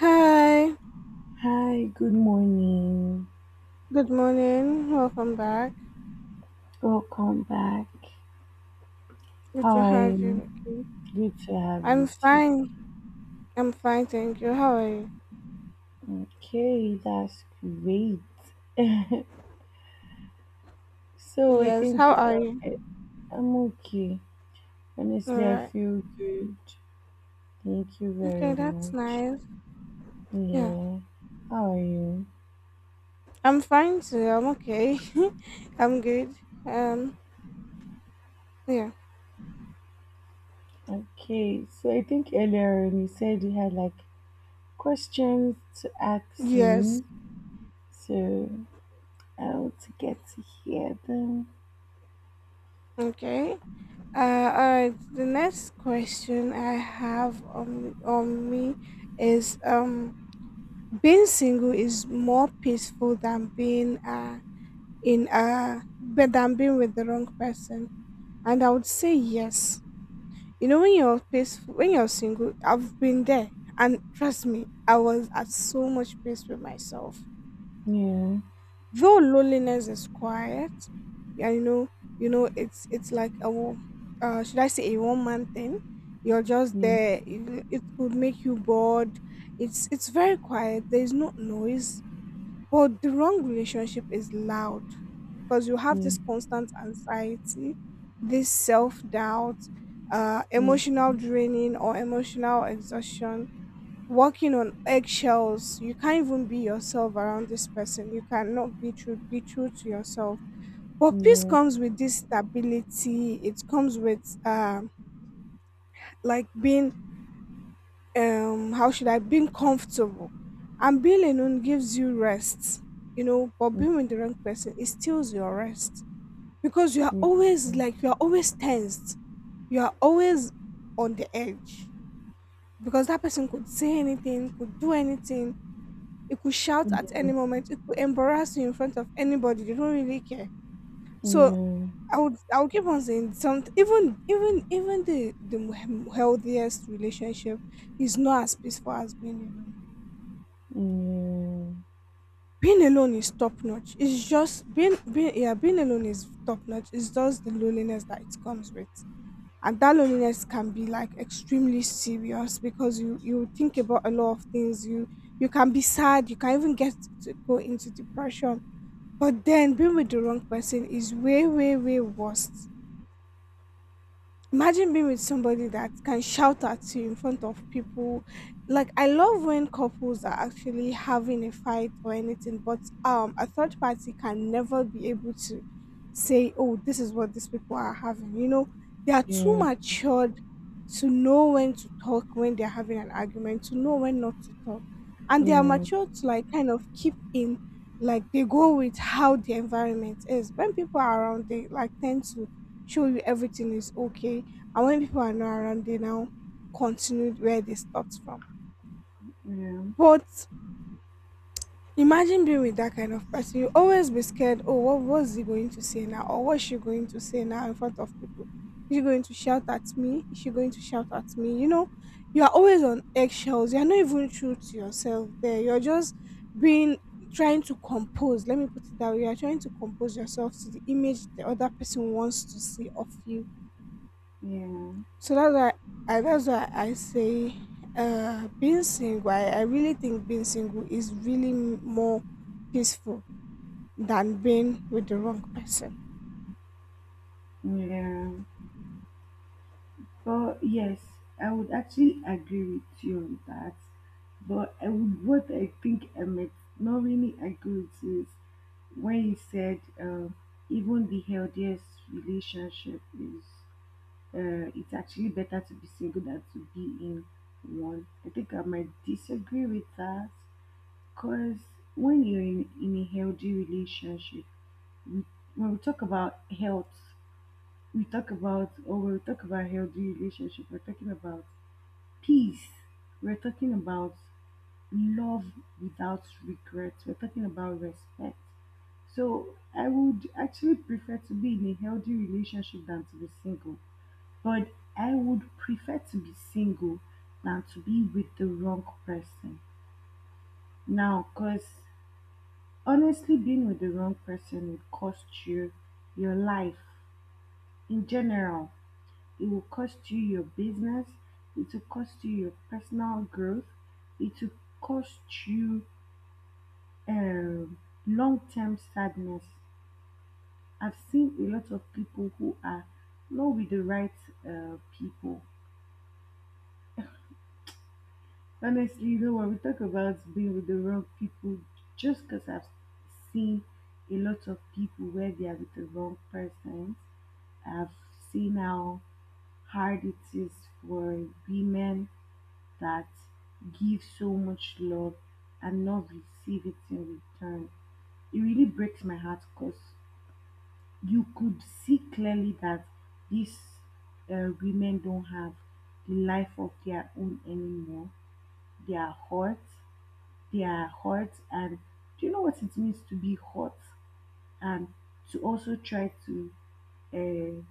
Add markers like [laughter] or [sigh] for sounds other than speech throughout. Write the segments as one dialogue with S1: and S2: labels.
S1: Hi,
S2: Hi, good morning.
S1: good morning. Welcome back.
S2: Welcome back.
S1: Good to
S2: Hi,
S1: have you. Okay.
S2: good to have
S1: I'm
S2: you too.
S1: fine. I'm fine, thank you. How are you?
S2: Okay, that's great. So I
S1: Yes,
S2: think
S1: how are you?
S2: I'm okay.
S1: All
S2: Honestly, I
S1: right.
S2: feel good. Thank you
S1: Okay,
S2: very
S1: that's
S2: much.
S1: nice. Yeah,
S2: Yeah. How are you?
S1: I'm fine too. I'm okay. [laughs] I'm good. Um, yeah.
S2: Okay, so I think earlier on you said you had like questions to ask
S1: Yes.
S2: me. So I want to get to hear them.
S1: Okay. Uh, all right. The next question I have on me is being single is more peaceful than being in but than being with the wrong person, and I would say yes. You know, when you're peaceful, when you're single, I've been there, and trust me, I was at so much peace with myself,
S2: Yeah,
S1: though loneliness is quiet. Yeah, you know, it's like should I say a one man thing. You're just
S2: yeah,
S1: there, it could make you bored. It's very quiet, there's no noise. But the wrong relationship is loud because you have
S2: yeah.
S1: this constant anxiety, this self doubt,
S2: Yeah.
S1: emotional draining or emotional exhaustion, walking on eggshells. You can't even be yourself around this person. You cannot be true, be true to yourself. But peace
S2: Yeah.
S1: comes with this stability. It comes with like being, how should I, being comfortable. And being alone gives you rest, you know, but being with
S2: Mm,
S1: the wrong person, it steals your rest because you are always like you
S2: mm,
S1: are always tensed. You are always on the edge because that person could say anything, could do anything. It could shout
S2: mm.
S1: at any
S2: Yeah.
S1: moment, it could embarrass you in front of anybody. They don't really care. So
S2: Yeah.
S1: I would keep on saying, some even the healthiest relationship is not as peaceful as being alone.
S2: Yeah.
S1: Being alone is top notch. It's just being, yeah, being alone is top notch. It's just the loneliness that it comes with. And that loneliness can be like extremely serious because you think about a lot of things. You can be sad, you can even get to go into depression. But then being with the wrong person is way, way, way worse. Imagine being with somebody that can shout at you in front of people. Like, I love when couples are actually having a fight or anything, but a third party can never be able to say, oh, this is what these people are having, you know. They are
S2: Yeah.
S1: too
S2: Yeah.
S1: matured to know when to talk when they're having an argument, to know when not to talk. And they are mature to like kind of keep in, like they go with how the environment is. When people are around, they like tend to show you everything is okay. And when people are not around, they now continue where they stopped from.
S2: Yeah,
S1: But imagine being with that kind of person. You always be scared. Oh, what was he going to say now? Or what's she going to say now in front of people? Is she going to shout at me? Is she going to shout at me? You know, you are always on eggshells. You are not even true to yourself there. You're just being, trying to compose. Let me put it that way. You are trying to compose yourself to the image the other person wants to see of you. So that's why I say, being single. I really think being single is really more peaceful than being with the wrong person.
S2: yeah, yeah. But yes, I would actually agree with you on that. But I would, what I think I might not really agree with is when you said even the healthiest relationship is it's actually better to be single than to be in one. I think I might disagree with that. Because when you're in a healthy relationship, we, when we talk about health, we talk about, or when we talk about healthy relationship, we're talking about peace. We're talking about love without regrets. We're talking about respect. So I would actually prefer to be in a healthy relationship than to be single. But I would prefer to be single than to be with the wrong person. Now, because honestly, being with the wrong person will cost you your life in general. It will cost you your business. It will cost you your personal growth. It will cost you um, long term sadness. I've seen a lot of people who are not with the right people. Honestly, you know, when we talk about being with the wrong people, just because I've seen a lot of people where they are with the wrong persons, I've seen how hard it is for women that give so much love and not receive it in return. It really breaks my heart because you could see clearly that these women don't have the life of their own anymore. They are hurt, their hearts, and do you know what it means to be hot and to also try to uh,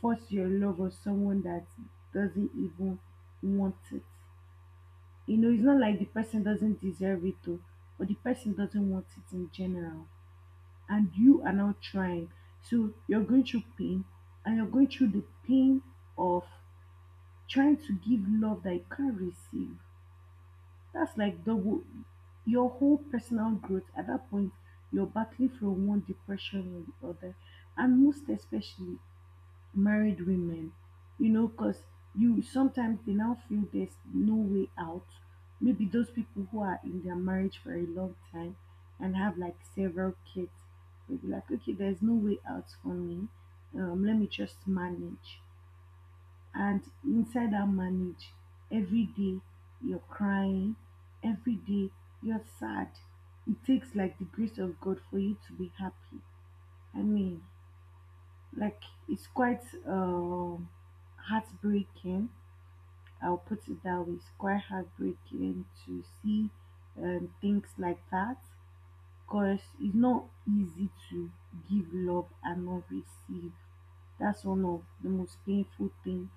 S2: force your love on someone that doesn't even want it? You know, it's not like the person doesn't deserve it though, but the person doesn't want it in general, and you are now trying. So you're going through pain, and you're going through the pain of trying to give love that you can't receive. That's like double your whole personal growth at that point. You're battling from one depression or the other, and most especially married women, you know, because you sometimes they now feel there's no way out. Maybe those people who are in their marriage for a long time and have like several kids, they'll be like, okay, there's no way out for me. Let me just manage. And inside that marriage, every day you're crying, every day you're sad. It takes like the grace of God for you to be happy. I mean, like, it's quite heartbreaking. I'll put it that way. It's quite heartbreaking to see things like that. Cause it's not easy to give love and not receive. That's one of the most painful thing.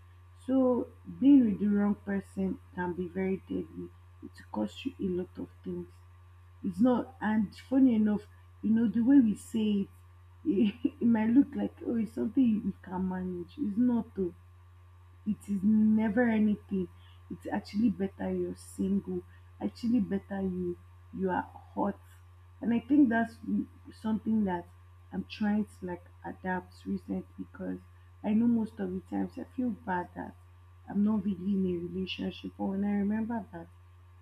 S2: So being with the wrong person can be very deadly. It costs you a lot of things. It's not, and funny enough, you know the way we say it, [laughs] it might look like, oh, it's something you can manage. It's not. Though, it is never anything. It's actually better you're single, actually better you are hot. And I think that's something that I'm trying to like adapt recently because I know most of the times I feel bad that I'm not really in a relationship. But when I remember that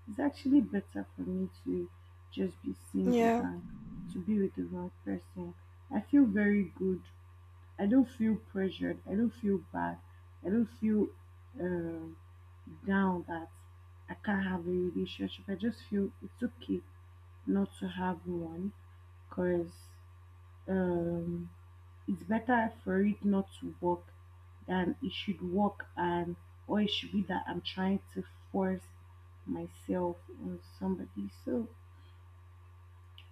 S2: it's actually better for me to just be single
S1: Yeah.
S2: than to be with the wrong person, I feel very good. I don't feel pressured. I don't feel bad. I don't feel um, down that I can't have a relationship. I just feel it's okay not to have one because um, it's better for it not to work than it should work, and or it should be that I'm trying to force myself on somebody. So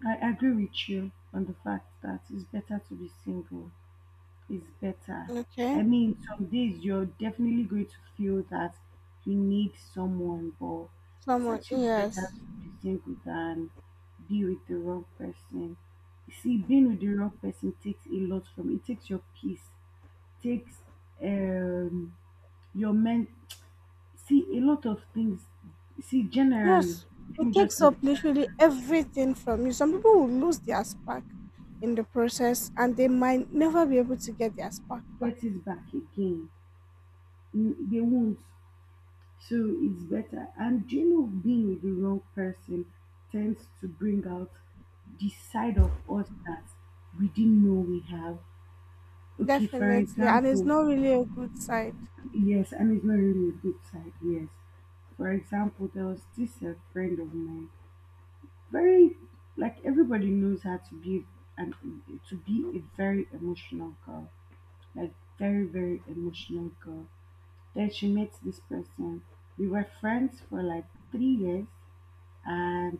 S2: I agree with you on the fact that it's better to be single. Is better.
S1: Okay.
S2: I mean, some days you're definitely going to feel that you need someone, but it's
S1: Someone.
S2: actually better
S1: Yes.
S2: to be single than be with the wrong person. You see, being with the wrong person takes a lot from you. It takes your peace, takes um your men. See, a lot of things. See, generally,
S1: Yes,
S2: let
S1: it
S2: me just
S1: takes
S2: leave
S1: up
S2: it at
S1: literally everything from you. Some
S2: that.
S1: people will lose their spark in the process and they might never be able to get their spark back.
S2: Get it back again. Mm. They won't. So it's better. And do you know, being with the wrong person tends to bring out the side of us that we didn't know we have. Okay, for
S1: Definitely. And it's
S2: example,
S1: not really a good sign.
S2: yes, and it's not really a good side, yes. For example, there was this friend of mine, very, like everybody knows her to be an, to be a very emotional girl, like very, very emotional girl. Then she met this person. We were friends for like 3 years, and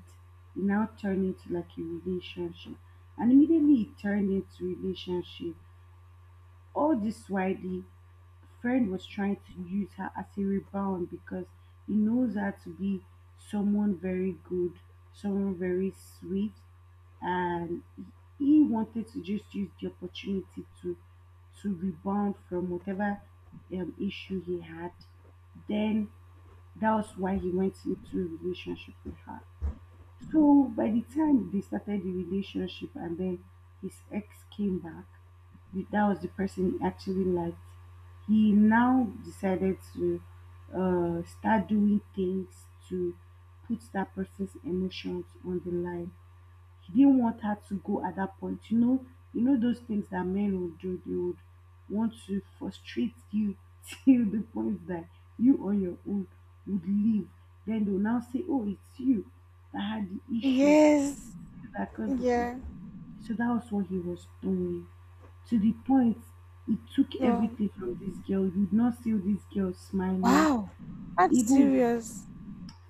S2: it now turned into like a relationship. And immediately it turned into relationship. All this while the friend was trying to use her as a rebound because he knows her to be someone very good, someone very sweet, and he wanted to just use the opportunity to rebound from whatever issue he had. Then that was why he went into a relationship with her. So by the time they started the relationship and then his ex came back, that was the person he actually liked. He now decided to start doing things to put that person's emotions on the line. He didn't want her to go at that point. You know, those things that men would do. They would want to frustrate you [laughs] till the point that you on your own would leave. Then they'll now say, "Oh, it's you that had the issue
S1: Yes.
S2: that caused the
S1: Yeah.
S2: problem." So that was what he was doing. To the point, it took
S1: No.
S2: everything from this girl. You'd not see this girl smiling,
S1: Wow. That's
S2: even
S1: serious.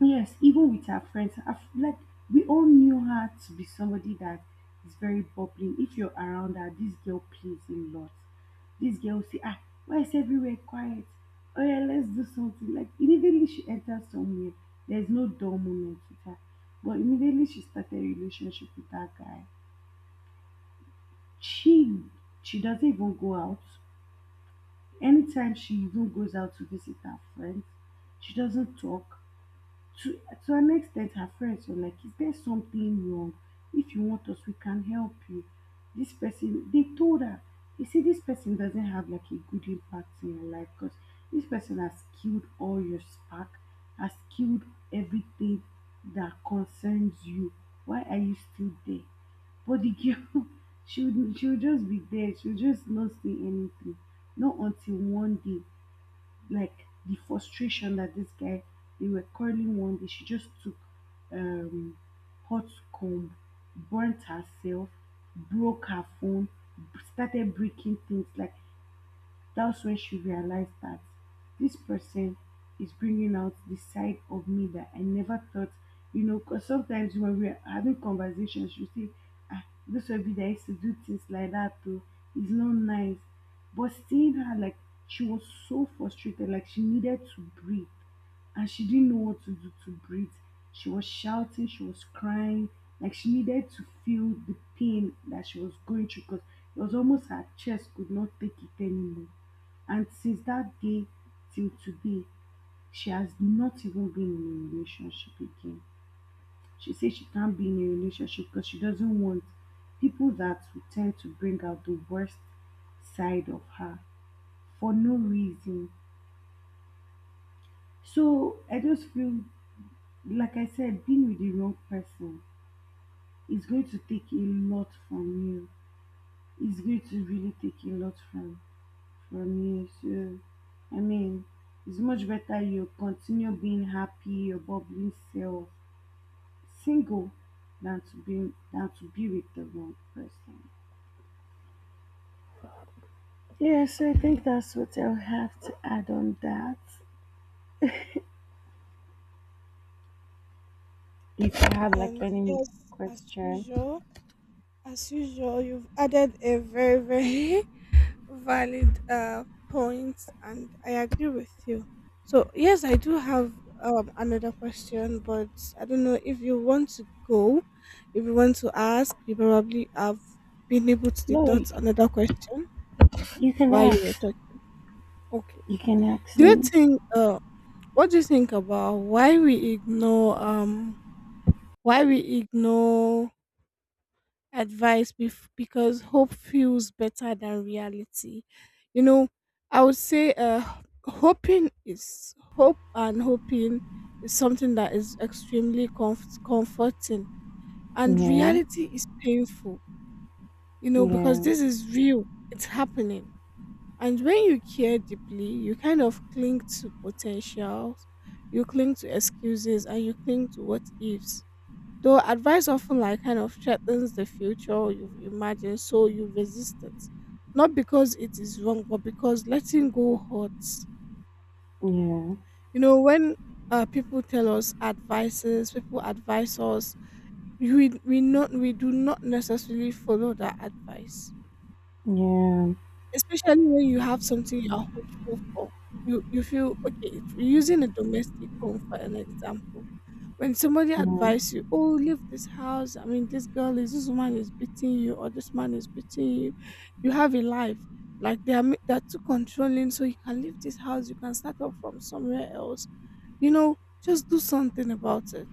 S2: yes, even with her friends, like we all knew her to be somebody that is very bubbling. If you're around her, this girl plays a lot. This girl will say, ah, why is everywhere quiet? Oh yeah, let's do something. Like immediately she enters somewhere, there's no dull moment with her. But immediately she started a relationship with that guy. She she doesn't even go out. Anytime she even goes out to visit her friends, she doesn't talk. to to an extent, her friends were like, is there something wrong? If you want us, we can help you. This person, they told her, you see this person doesn't have like a good impact in your life because this person has killed all your spark, has killed everything that concerns you. Why are you still there? But the girl [laughs] she would just be there, she would just not say anything. Not until one day, like the frustration that this guy, they were quarreling one day, she just took um hot comb, burnt herself, broke her phone, started breaking things. Like, that's when she realized that this person is bringing out the side of me that I never thought. You know, because sometimes when we're having conversations, you see, ah, this will be that used to do things like that too. It's not nice. But seeing her, like, she was so frustrated, like, she needed to breathe, and she didn't know what to do to breathe. She was shouting, she was crying, like she needed to feel the pain that she was going through because it was almost her chest could not take it anymore. And since that day till today, she has not even been in a relationship again. She says she can't be in a relationship because she doesn't want people that will tend to bring out the worst side of her for no reason. So I just feel, like I said, being with the wrong person is going to take a lot from you. It's going to really take a lot from you. So I mean, it's much better you continue being happy, your bubbling, self, single, than to be with the wrong person. Yeah, so I think that's what I'll have to add on that. If you have like
S1: And
S2: any
S1: yes, as
S2: question,
S1: usual, as usual, you've added a very, very [laughs] valid points, and I agree with you. So yes, I do have another question, but I don't know if you want to go if you want to ask. You probably have been able to
S2: no,
S1: deduct another question
S2: you can
S1: while you were
S2: ask.
S1: talking. Okay.
S2: You can ask
S1: do you
S2: me.
S1: think What do you think about why we ignore why we ignore advice, because hope feels better than reality. You know, I would say, hoping is hope, and hoping is something that is extremely comforting, and
S2: Yeah,
S1: reality is painful. You know, because
S2: yeah,
S1: this is real; it's happening. And when you care deeply, you kind of cling to potentials, you cling to excuses, and you cling to what ifs. Though advice often like kind of threatens the future you've imagined, so you resist it. Not because it is wrong, but because letting go hurts.
S2: yeah,
S1: You know, when people tell us advices, people advise us, we do not necessarily follow that advice,
S2: yeah,
S1: especially when you have something you are hopeful for. You feel, okay, if using a domestic home for an example. When somebody
S2: yeah,
S1: advises you, oh, leave this house. I mean, this girl is, this woman is beating you, or this man is beating you. You have a life, like they are they're too controlling, so you can leave this house. You can start up from somewhere else. You know, just do something about it.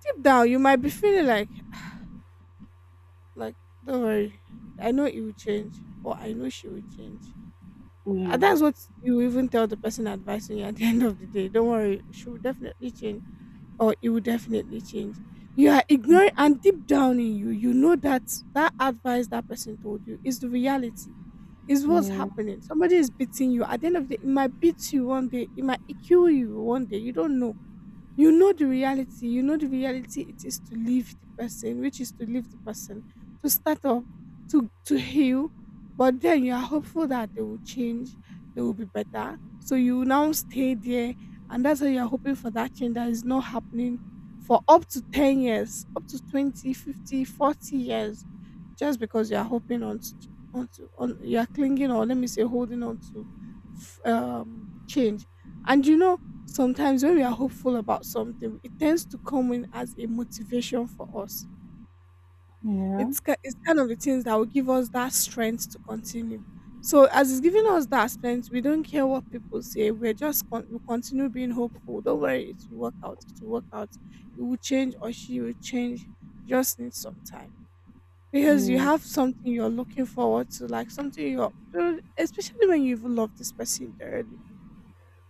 S1: Deep down, you might be feeling like, like don't worry, I know it will change, or I know she will change.
S2: yeah,
S1: Uh,
S2: yeah,
S1: That's what you even tell the person advising you at the [laughs] end of the day. Don't worry, she will definitely change, or it will definitely change. You are ignoring, and deep down in you, you know that that advice that person told you is the reality, is what's happening. Somebody is beating you. At the end of the day, it might beat you one day, it might kill you one day. You don't know. You know the reality, it is to leave the person, to start up, to heal. But then you are hopeful that they will change, they will be better, so you now stay there. And that's how you're hoping for that change that is not happening for up to 10 years, up to 20, 50, 40 years, just because you're hoping on to, ch- on, to, on you're clinging, or let me say, holding on to change. And you know, sometimes when we are hopeful about something, it tends to come in as a motivation for us.
S2: yeah,
S1: It's kind of the things that will give us that strength to continue. So as it's giving us that strength, we don't care what people say. We're just we continue being hopeful. Don't worry, it will work out. It will work out. It will change, or she will change. Just need some time because you
S2: yeah,
S1: have something you're looking forward to, like something you're, especially when you even love this person dearly,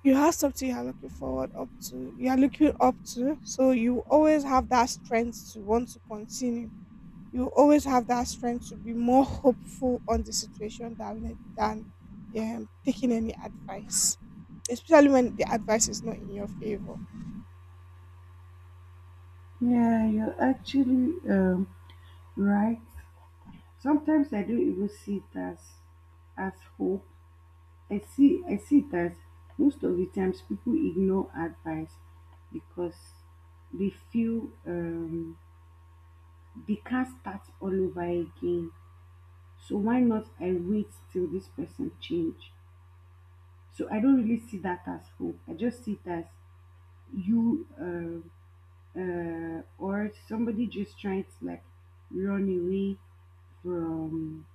S1: you have something you're looking forward up to, you're looking up to, so you always have that strength to want to continue. You always have that strength to be more hopeful on the situation than taking any advice, especially when the advice is not in your favor.
S2: yeah, you're actually right. Sometimes I don't even see it as hope. I see it as most of the times people ignore advice because they feel they can't start all over again. So why not I wait till this person change? So I don't really see that as hope. I just see it as you or somebody just trying to like run away from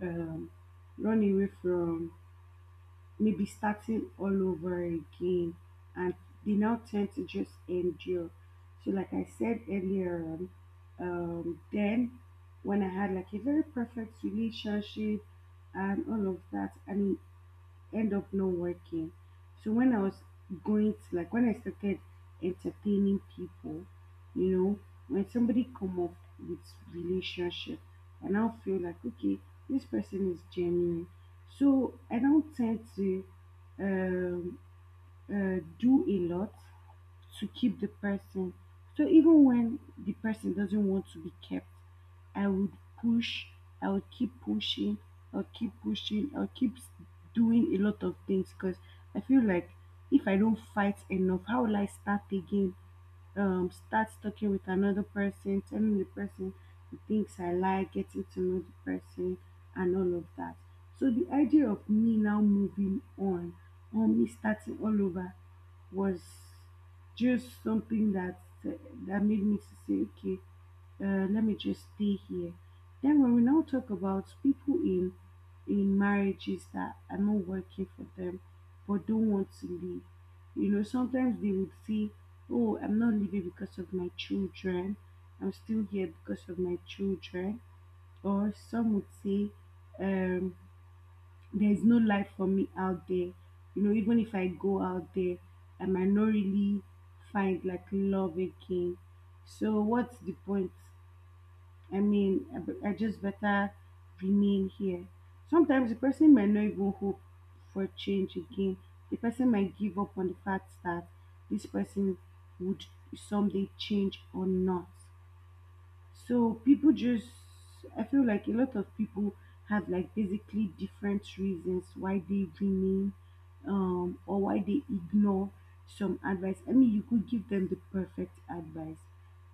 S2: um, run away from maybe starting all over again, and they now tend to just endure. So like I said earlier on, then when I had like a very perfect relationship and all of that, and end up not working. So when I was going to like when I started entertaining people, you know, when somebody come up with relationship, I now feel like, okay, this person is genuine. So I don't tend to um do a lot to keep the person. So even when the person doesn't want to be kept, I would push, I would keep pushing, I'll keep pushing, doing a lot of things, because I feel like, if I don't fight enough, how will I start again? Start talking with another person, telling the person the things I like, getting to know the person, and all of that. So the idea of me now moving on, or me starting all over, was just something that made me to say, okay, let me just stay here. Then when we now talk about people in marriages that are not working for them, but don't want to leave. You know, sometimes they would say, oh, I'm not leaving because of my children. I'm still here because of my children. Or some would say, um, there's no life for me out there. You know, even if I go out there, I might not really find like love again. So, what's the point? I mean, I just better remain here. Sometimes the person may not even hope for change again. The person might give up on the fact that this person would someday change or not. So I feel like a lot of people have like basically different reasons why they remain, or why they ignore some advice. I mean, you could give them the perfect advice,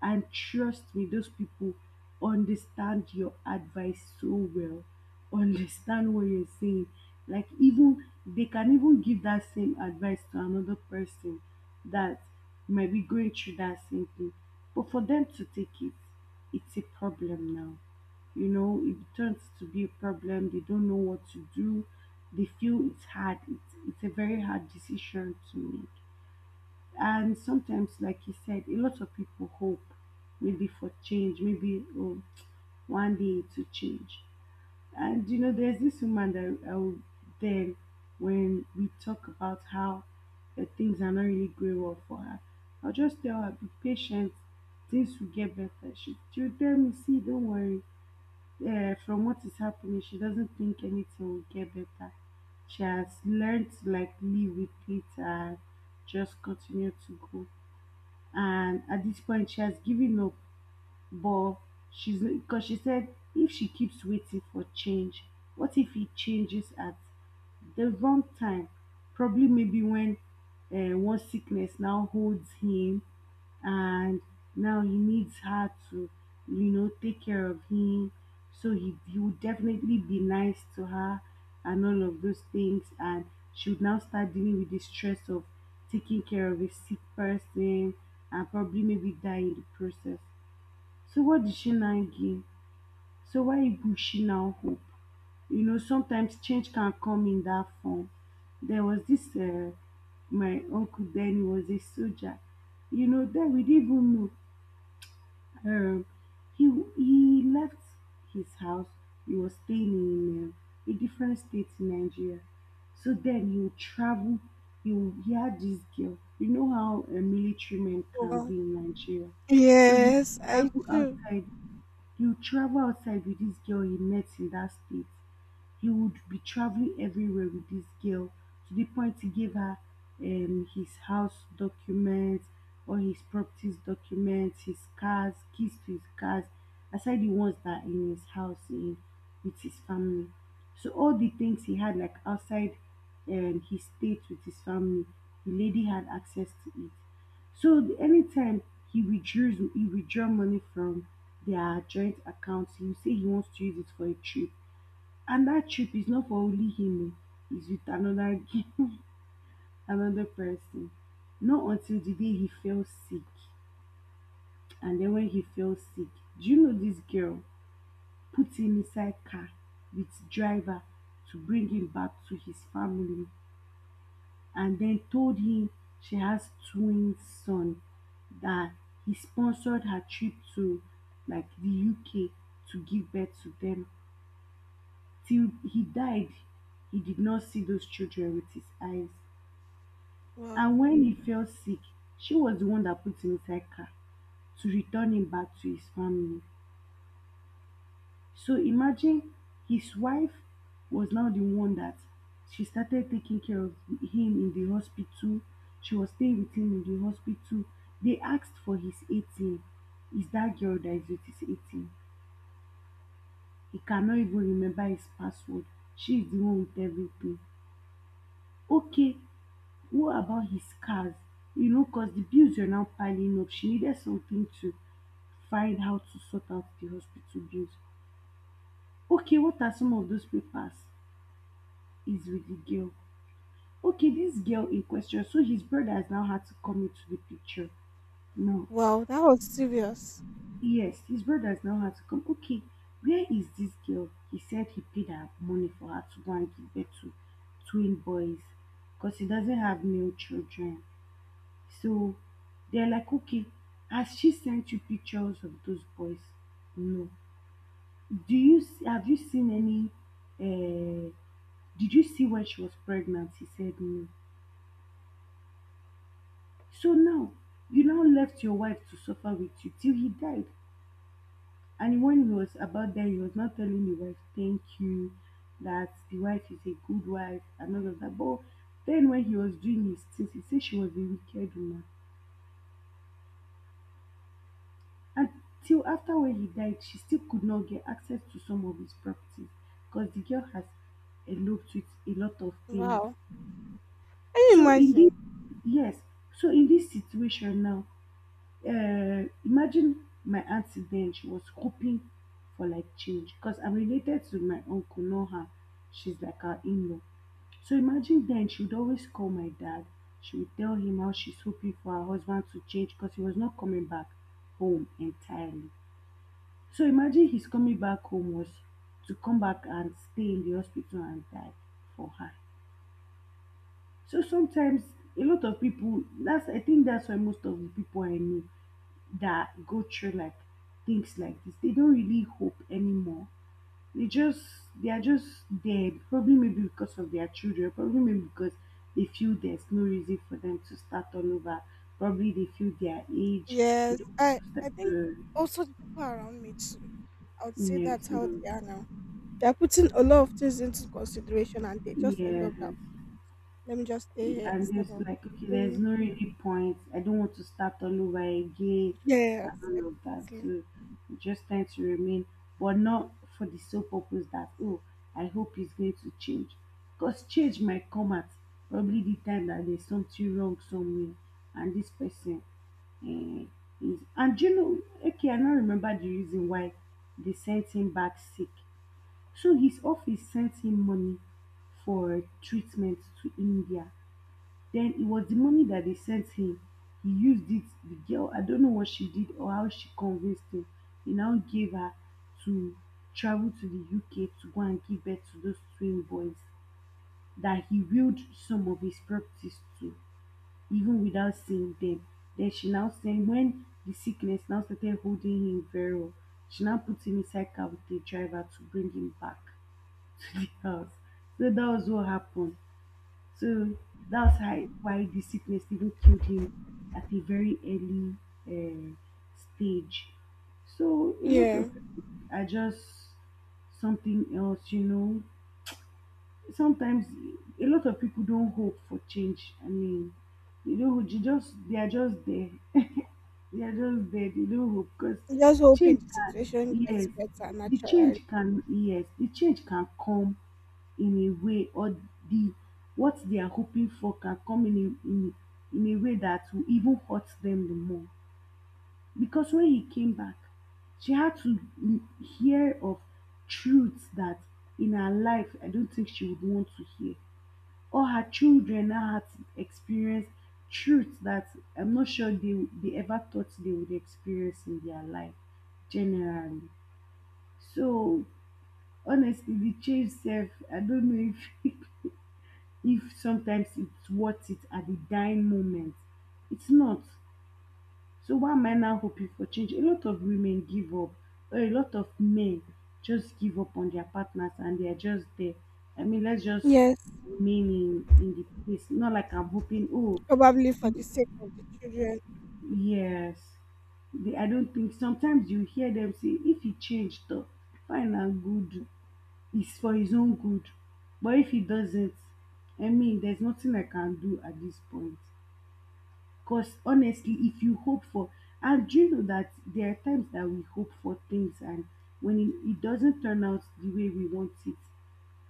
S2: and trust me, those people understand your advice so well, [laughs] understand what you're saying. Like, even they can even give that same advice to another person that might be going through that same thing, but for them to take it, it's a problem now. You know, it turns to be a problem. They don't know what to do. They feel it's hard. It's a very hard decision to make. And sometimes, like you said, a lot of people hope maybe for change, maybe, oh, one day to change. And you know, there's this woman that I will, then when we talk about how things are not really going well for her, I'll just tell her, be patient, things will get better. She'll tell me, see, don't worry, from what is happening, she doesn't think anything will get better. She has learned to like live with it and just continue to go. And at this point, she has given up, but she's because she said, if she keeps waiting for change, what if it changes at the wrong time? Probably maybe when one sickness now holds him, and now he needs her to, you know, take care of him. So he would definitely be nice to her and all of those things. And she would now start dealing with the stress of taking care of a sick person, and probably maybe die in the process. So what did she now gain? So why would she now hope? You know, sometimes change can come in that form. There was my uncle, then, he was a soldier. You know, then we didn't even know. Um, he left his house. He was staying in a different state in Nigeria. So then he would travel. He had this girl. You know how military men can
S1: Wow.
S2: be in Nigeria. So he
S1: Yes,
S2: would
S1: I
S2: travel
S1: do.
S2: outside, you travel outside with this girl he met in that state, he would be traveling everywhere with this girl, to the point he gave her his house documents, all his properties documents, his cars, keys to his cars, aside the ones that are in his house in with his family. So all the things he had like outside his state with his family, the lady had access to it. So anytime he withdraw money from their joint account, he will say he wants to use it for a trip, and that trip is not for only him, oh, it's with another [laughs] another person. Not until the day he fell sick, and then when he fell sick, do you know this girl put him inside car with driver to bring him back to his family, and then told him she has twin son, that he sponsored her trip to like the UK to give birth to them. Till he died, he did not see those children with his eyes. And
S1: Wow,
S2: when he fell sick, she was the one that put him inside car to return him back to his family. So imagine, his wife was now the one that she started taking care of him in the hospital. She was staying with him in the hospital. They asked for his ATM. It's that girl that is with his ATM. He cannot even remember his password. She is the one with everything. Okay, what about his cars? You know, because the bills were now piling up. She needed something to find how to sort out the hospital bills. Okay, what are some of those papers? Is with the girl. Okay, this girl in question. So his brother has now had to come into the picture. No.
S1: wow, that was serious.
S2: Yes, his brother has now had to come. Okay, where is this girl? He said he paid her money for her to go and give birth to twin boys because he doesn't have male children. So they're like, okay, has she sent you pictures of those boys? No. Have you seen any? Uh, did you see when she was pregnant? He said no. So now, you now left your wife to suffer with you till he died. And when he was about there, he was not telling the wife thank you, that the wife is a good wife, and all of that. But then when he was doing his things, he said she was a wicked woman. And till after when he died, she still could not get access to some of his properties, because the girl has eloped with a lot of things.
S1: Wow, can you
S2: So in
S1: imagine?
S2: this, yes, so in this situation now, imagine, my auntie, then, she was hoping for like change, because I'm related to my uncle, not her. She's like our in-law. So imagine, then she would always call my dad. She would tell him how she's hoping for her husband to change, because he was not coming back home entirely. So imagine his coming back home was to come back and stay in the hospital and die for her. So sometimes a lot of people, that's I think that's why most of the people I knew that go through like things like this, they don't really hope anymore. They just, they are just dead, probably maybe because of their children, probably maybe because they feel there's no reason for them to start all over. Probably they feel their age, they
S1: Yes,
S2: don't want
S1: I
S2: to start,
S1: I think also the people around me too. I would say
S2: yeah,
S1: that's how
S2: so,
S1: they are now. They're putting a lot of things into consideration and they just end up that
S2: yes.
S1: let me just stay here
S2: I'm
S1: instead
S2: just
S1: of
S2: like, okay,
S1: going,
S2: there's no really point. I don't want to start all over again and
S1: yes.
S2: all of that. So I'm just trying to remain, but not for the sole purpose that, oh, I hope he's going to change. Because change might come at probably the time that there's something wrong somewhere, and this person eh, is. And do you know, okay, I don't remember the reason why they sent him back sick. So his office sent him money for treatment to India, then it was the money that they sent him. He used it. The girl, I don't know what she did or how she convinced him. He now gave her to travel to the UK to go and give birth to those twin boys that he willed some of his properties to, even without seeing them. Then she now said, when the sickness now started holding him very well, she now put him inside car with the driver to bring him back to the house. So that was what happened. So that's how, why the sickness even killed him at a very early uh, stage. So a lot
S1: Yeah.
S2: of people are just something else, you know. Sometimes a lot of people don't hope for change. I mean, you know, you just they are just there. [laughs] They are just there. They don't hope because
S1: I'm just hoping
S2: change.
S1: the situation gets
S2: Yes,
S1: better
S2: the
S1: natural.
S2: change can. Yes, the change can come in a way, or the what they are hoping for can come in in a way that will even hurt them the more. Because when he came back, she had to hear of truths that in her life I don't think she would want to hear. Or her children now had to experience truths that I'm not sure they ever thought they would experience in their life generally. So honestly, the change self, I don't know if [laughs] if sometimes it's worth it at the dying moment. It's not. So why am I now hoping for change? A lot of women give up, or a lot of men just give up on their partners and they are just there. I mean, let's just
S1: Yes.
S2: remain in the place. Not like I'm hoping, oh,
S1: Probably for the
S2: you,
S1: sake of the children.
S2: yes. They, I don't think sometimes you hear them say, if he changed, though, fine and good. It's for his own good. But if he doesn't, I mean, there's nothing I can do at this point. Because honestly, if you hope for, and do you know that there are times that we hope for things and when it doesn't turn out the way we want it,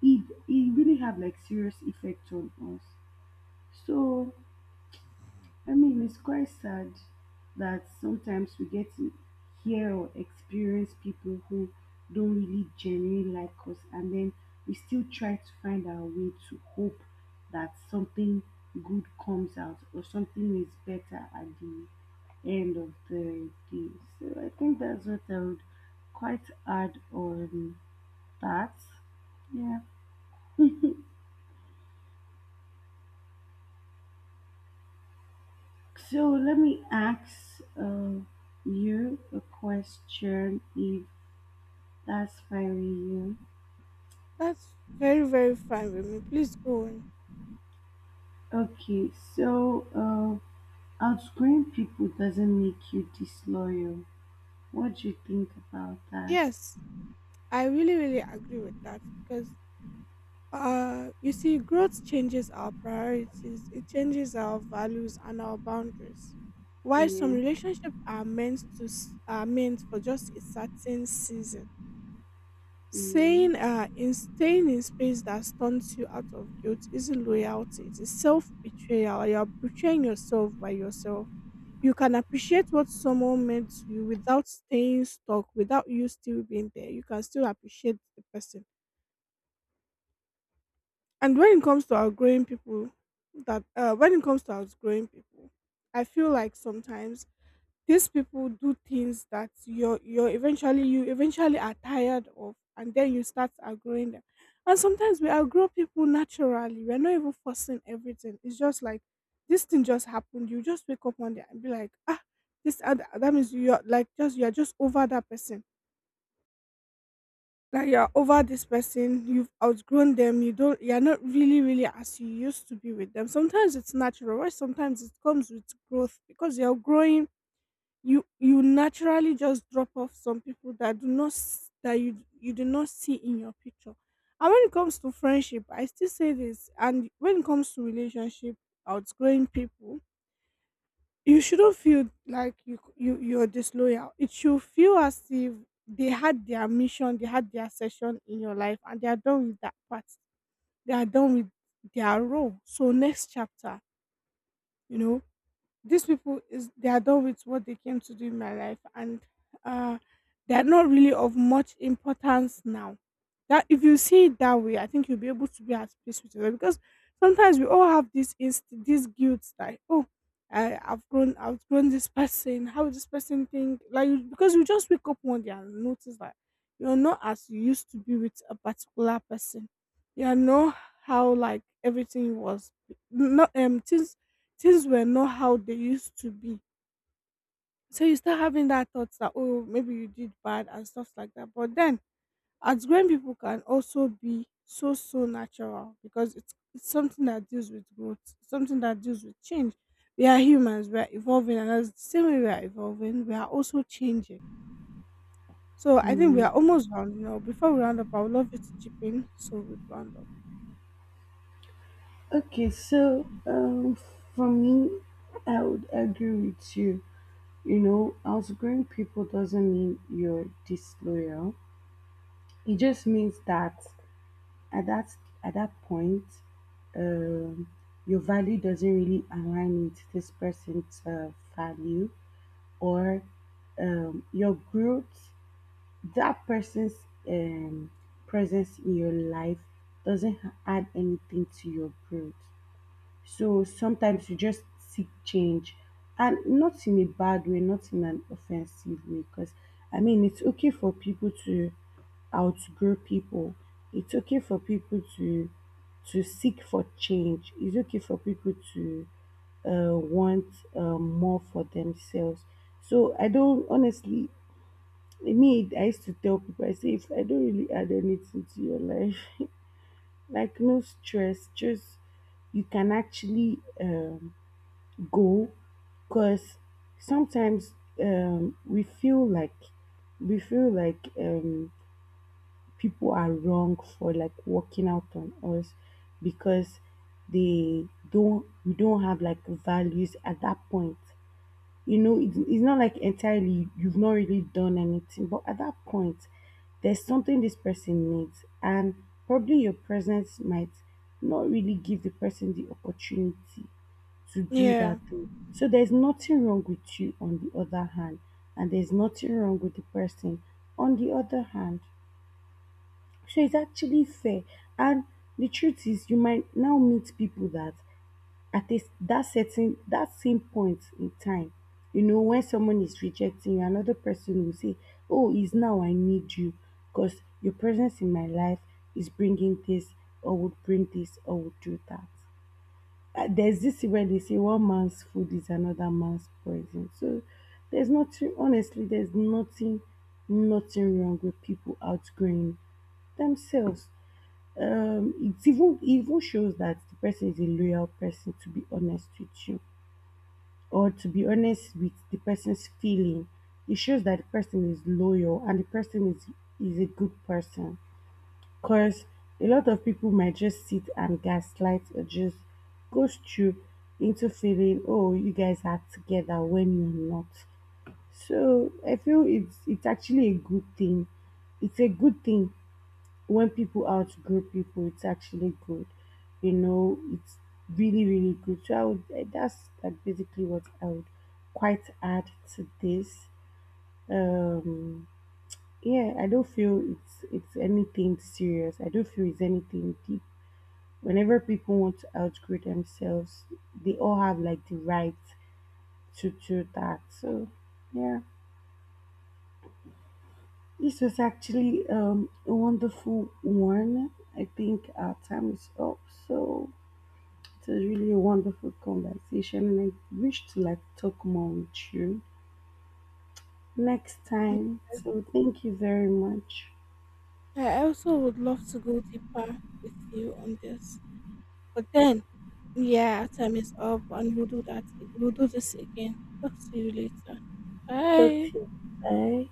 S2: it really have like serious effect on us. So I mean, it's quite sad that sometimes we get to hear or experience people who don't really genuinely like us, and then we still try to find our way to hope that something good comes out or something is better at the end of the day. So I think that's what I would quite add on that. Yeah. So let me ask you a question if that's fine with you.
S1: That's very, very fine with me. Please go on.
S2: Okay, so outgrowing people doesn't make you disloyal. What do you think about that?
S1: Yes. I really, really agree with that because, you see, growth changes our priorities, it changes our values and our boundaries. While some
S2: Yeah.
S1: relationships are meant for just a certain season, saying
S2: Mm.
S1: in staying in space that stunts you out of guilt isn't loyalty. It is self betrayal. You're betraying yourself by yourself. You can appreciate what someone meant to you without staying stuck, without you still being there. You can still appreciate the person. And when it comes to outgrowing people, that when it comes to outgrowing people, I feel like sometimes these people do things that you're eventually you eventually are tired of, and then you start outgrowing them. And sometimes we outgrow people naturally, we're not even forcing everything. It's just like this thing just happened, you just wake up one day and be like, ah, this and that, means you're like, just, you're just over that person. Like you're over this person, you've outgrown them. You're not really really as you used to be with them. Sometimes it's natural, or sometimes it comes with growth. Because you're growing, you naturally just drop off some people that do not that you do not see in your picture. And when it comes to friendship, I still say this, and when it comes to relationship, outgrowing people, you shouldn't feel like you're disloyal. It should feel as if they had their mission, they had their session in your life, and they are done with that part. They are done with their role. So next chapter, you know, these people is, they are done with what they came to do in my life, and uh they are not really of much importance now. That if you see it that way, I think you'll be able to be at peace with yourself because sometimes we all have this inst this guilt, like, oh, I've grown this person, how would this person think, like, you, because you just wake up one day and notice that you're not as you used to be with a particular person. You know, how like everything was, not things were not how they used to be. So you start having that thoughts that, oh, maybe you did bad and stuff like that. But then as grown people can also be so, so natural because it's something that deals with growth, something that deals with change. We are humans, we are evolving, and as the same way we are evolving, we are also changing. So I think we
S2: Yeah.
S1: are almost rounding up. Before we round up, I would love you to chip in, so we round up.
S2: Okay, so for me, I would agree with you. You know, outgrowing people doesn't mean you're disloyal. It just means that at that at that point, um, your value doesn't really align with this person's value, or your growth, that person's um, presence in your life doesn't add anything to your growth. So sometimes you just seek change and not in a bad way, not in an offensive way, because I mean, it's okay for people to outgrow people. It's okay for people to seek for change. It's okay for people to want more for themselves. So I don't honestly. Me, I used to tell people, I say, if I don't really add anything to your life, [laughs] like no stress, just you can actually go because sometimes we feel like we feel like um, people are wrong for like walking out on us because they don't we don't have like values at that point you know it's not like entirely you've not really done anything but at that point there's something this person needs and probably your presence might not really give the person the opportunity to do that
S1: Yeah,
S2: thing. So there's nothing wrong with you on the other hand, and there's nothing wrong with the person on the other hand. So it's actually fair. And the truth is, you might now meet people that at this that certain that same point in time, you know, when someone is rejecting you, another person will say, "Oh, it's now I need you, because your presence in my life is bringing this, or would bring this, or would do that." There's this thing where they say one man's food is another man's poison. So there's nothing, honestly, there's nothing, nothing wrong with people outgrowing themselves. It even shows that the person is a loyal person. To be honest with you, or to be honest with the person's feeling, it shows that the person is loyal and the person is a good person. Cause a lot of people might just sit and gaslight or just ghost you into feeling, oh, you guys are together when you're not. So I feel it's actually a good thing. It's a good thing when people outgrow people. It's actually good, you know. It's really really good. So I would that's like basically what I would quite add to this. Um, yeah, I don't feel it's anything serious. I don't feel it's anything deep whenever people want to outgrow themselves, they all have like the right to do that. So, yeah, this was actually a wonderful one. I think our time is up. So, it was really a wonderful conversation, and I wish to like talk more with you next time. So, thank you very much.
S1: I also would love to go deeper with you on this, but then, yeah, time is up, and we'll do that. We'll do this again. Talk to you later.
S2: Talk
S1: Bye.
S2: to you. Bye.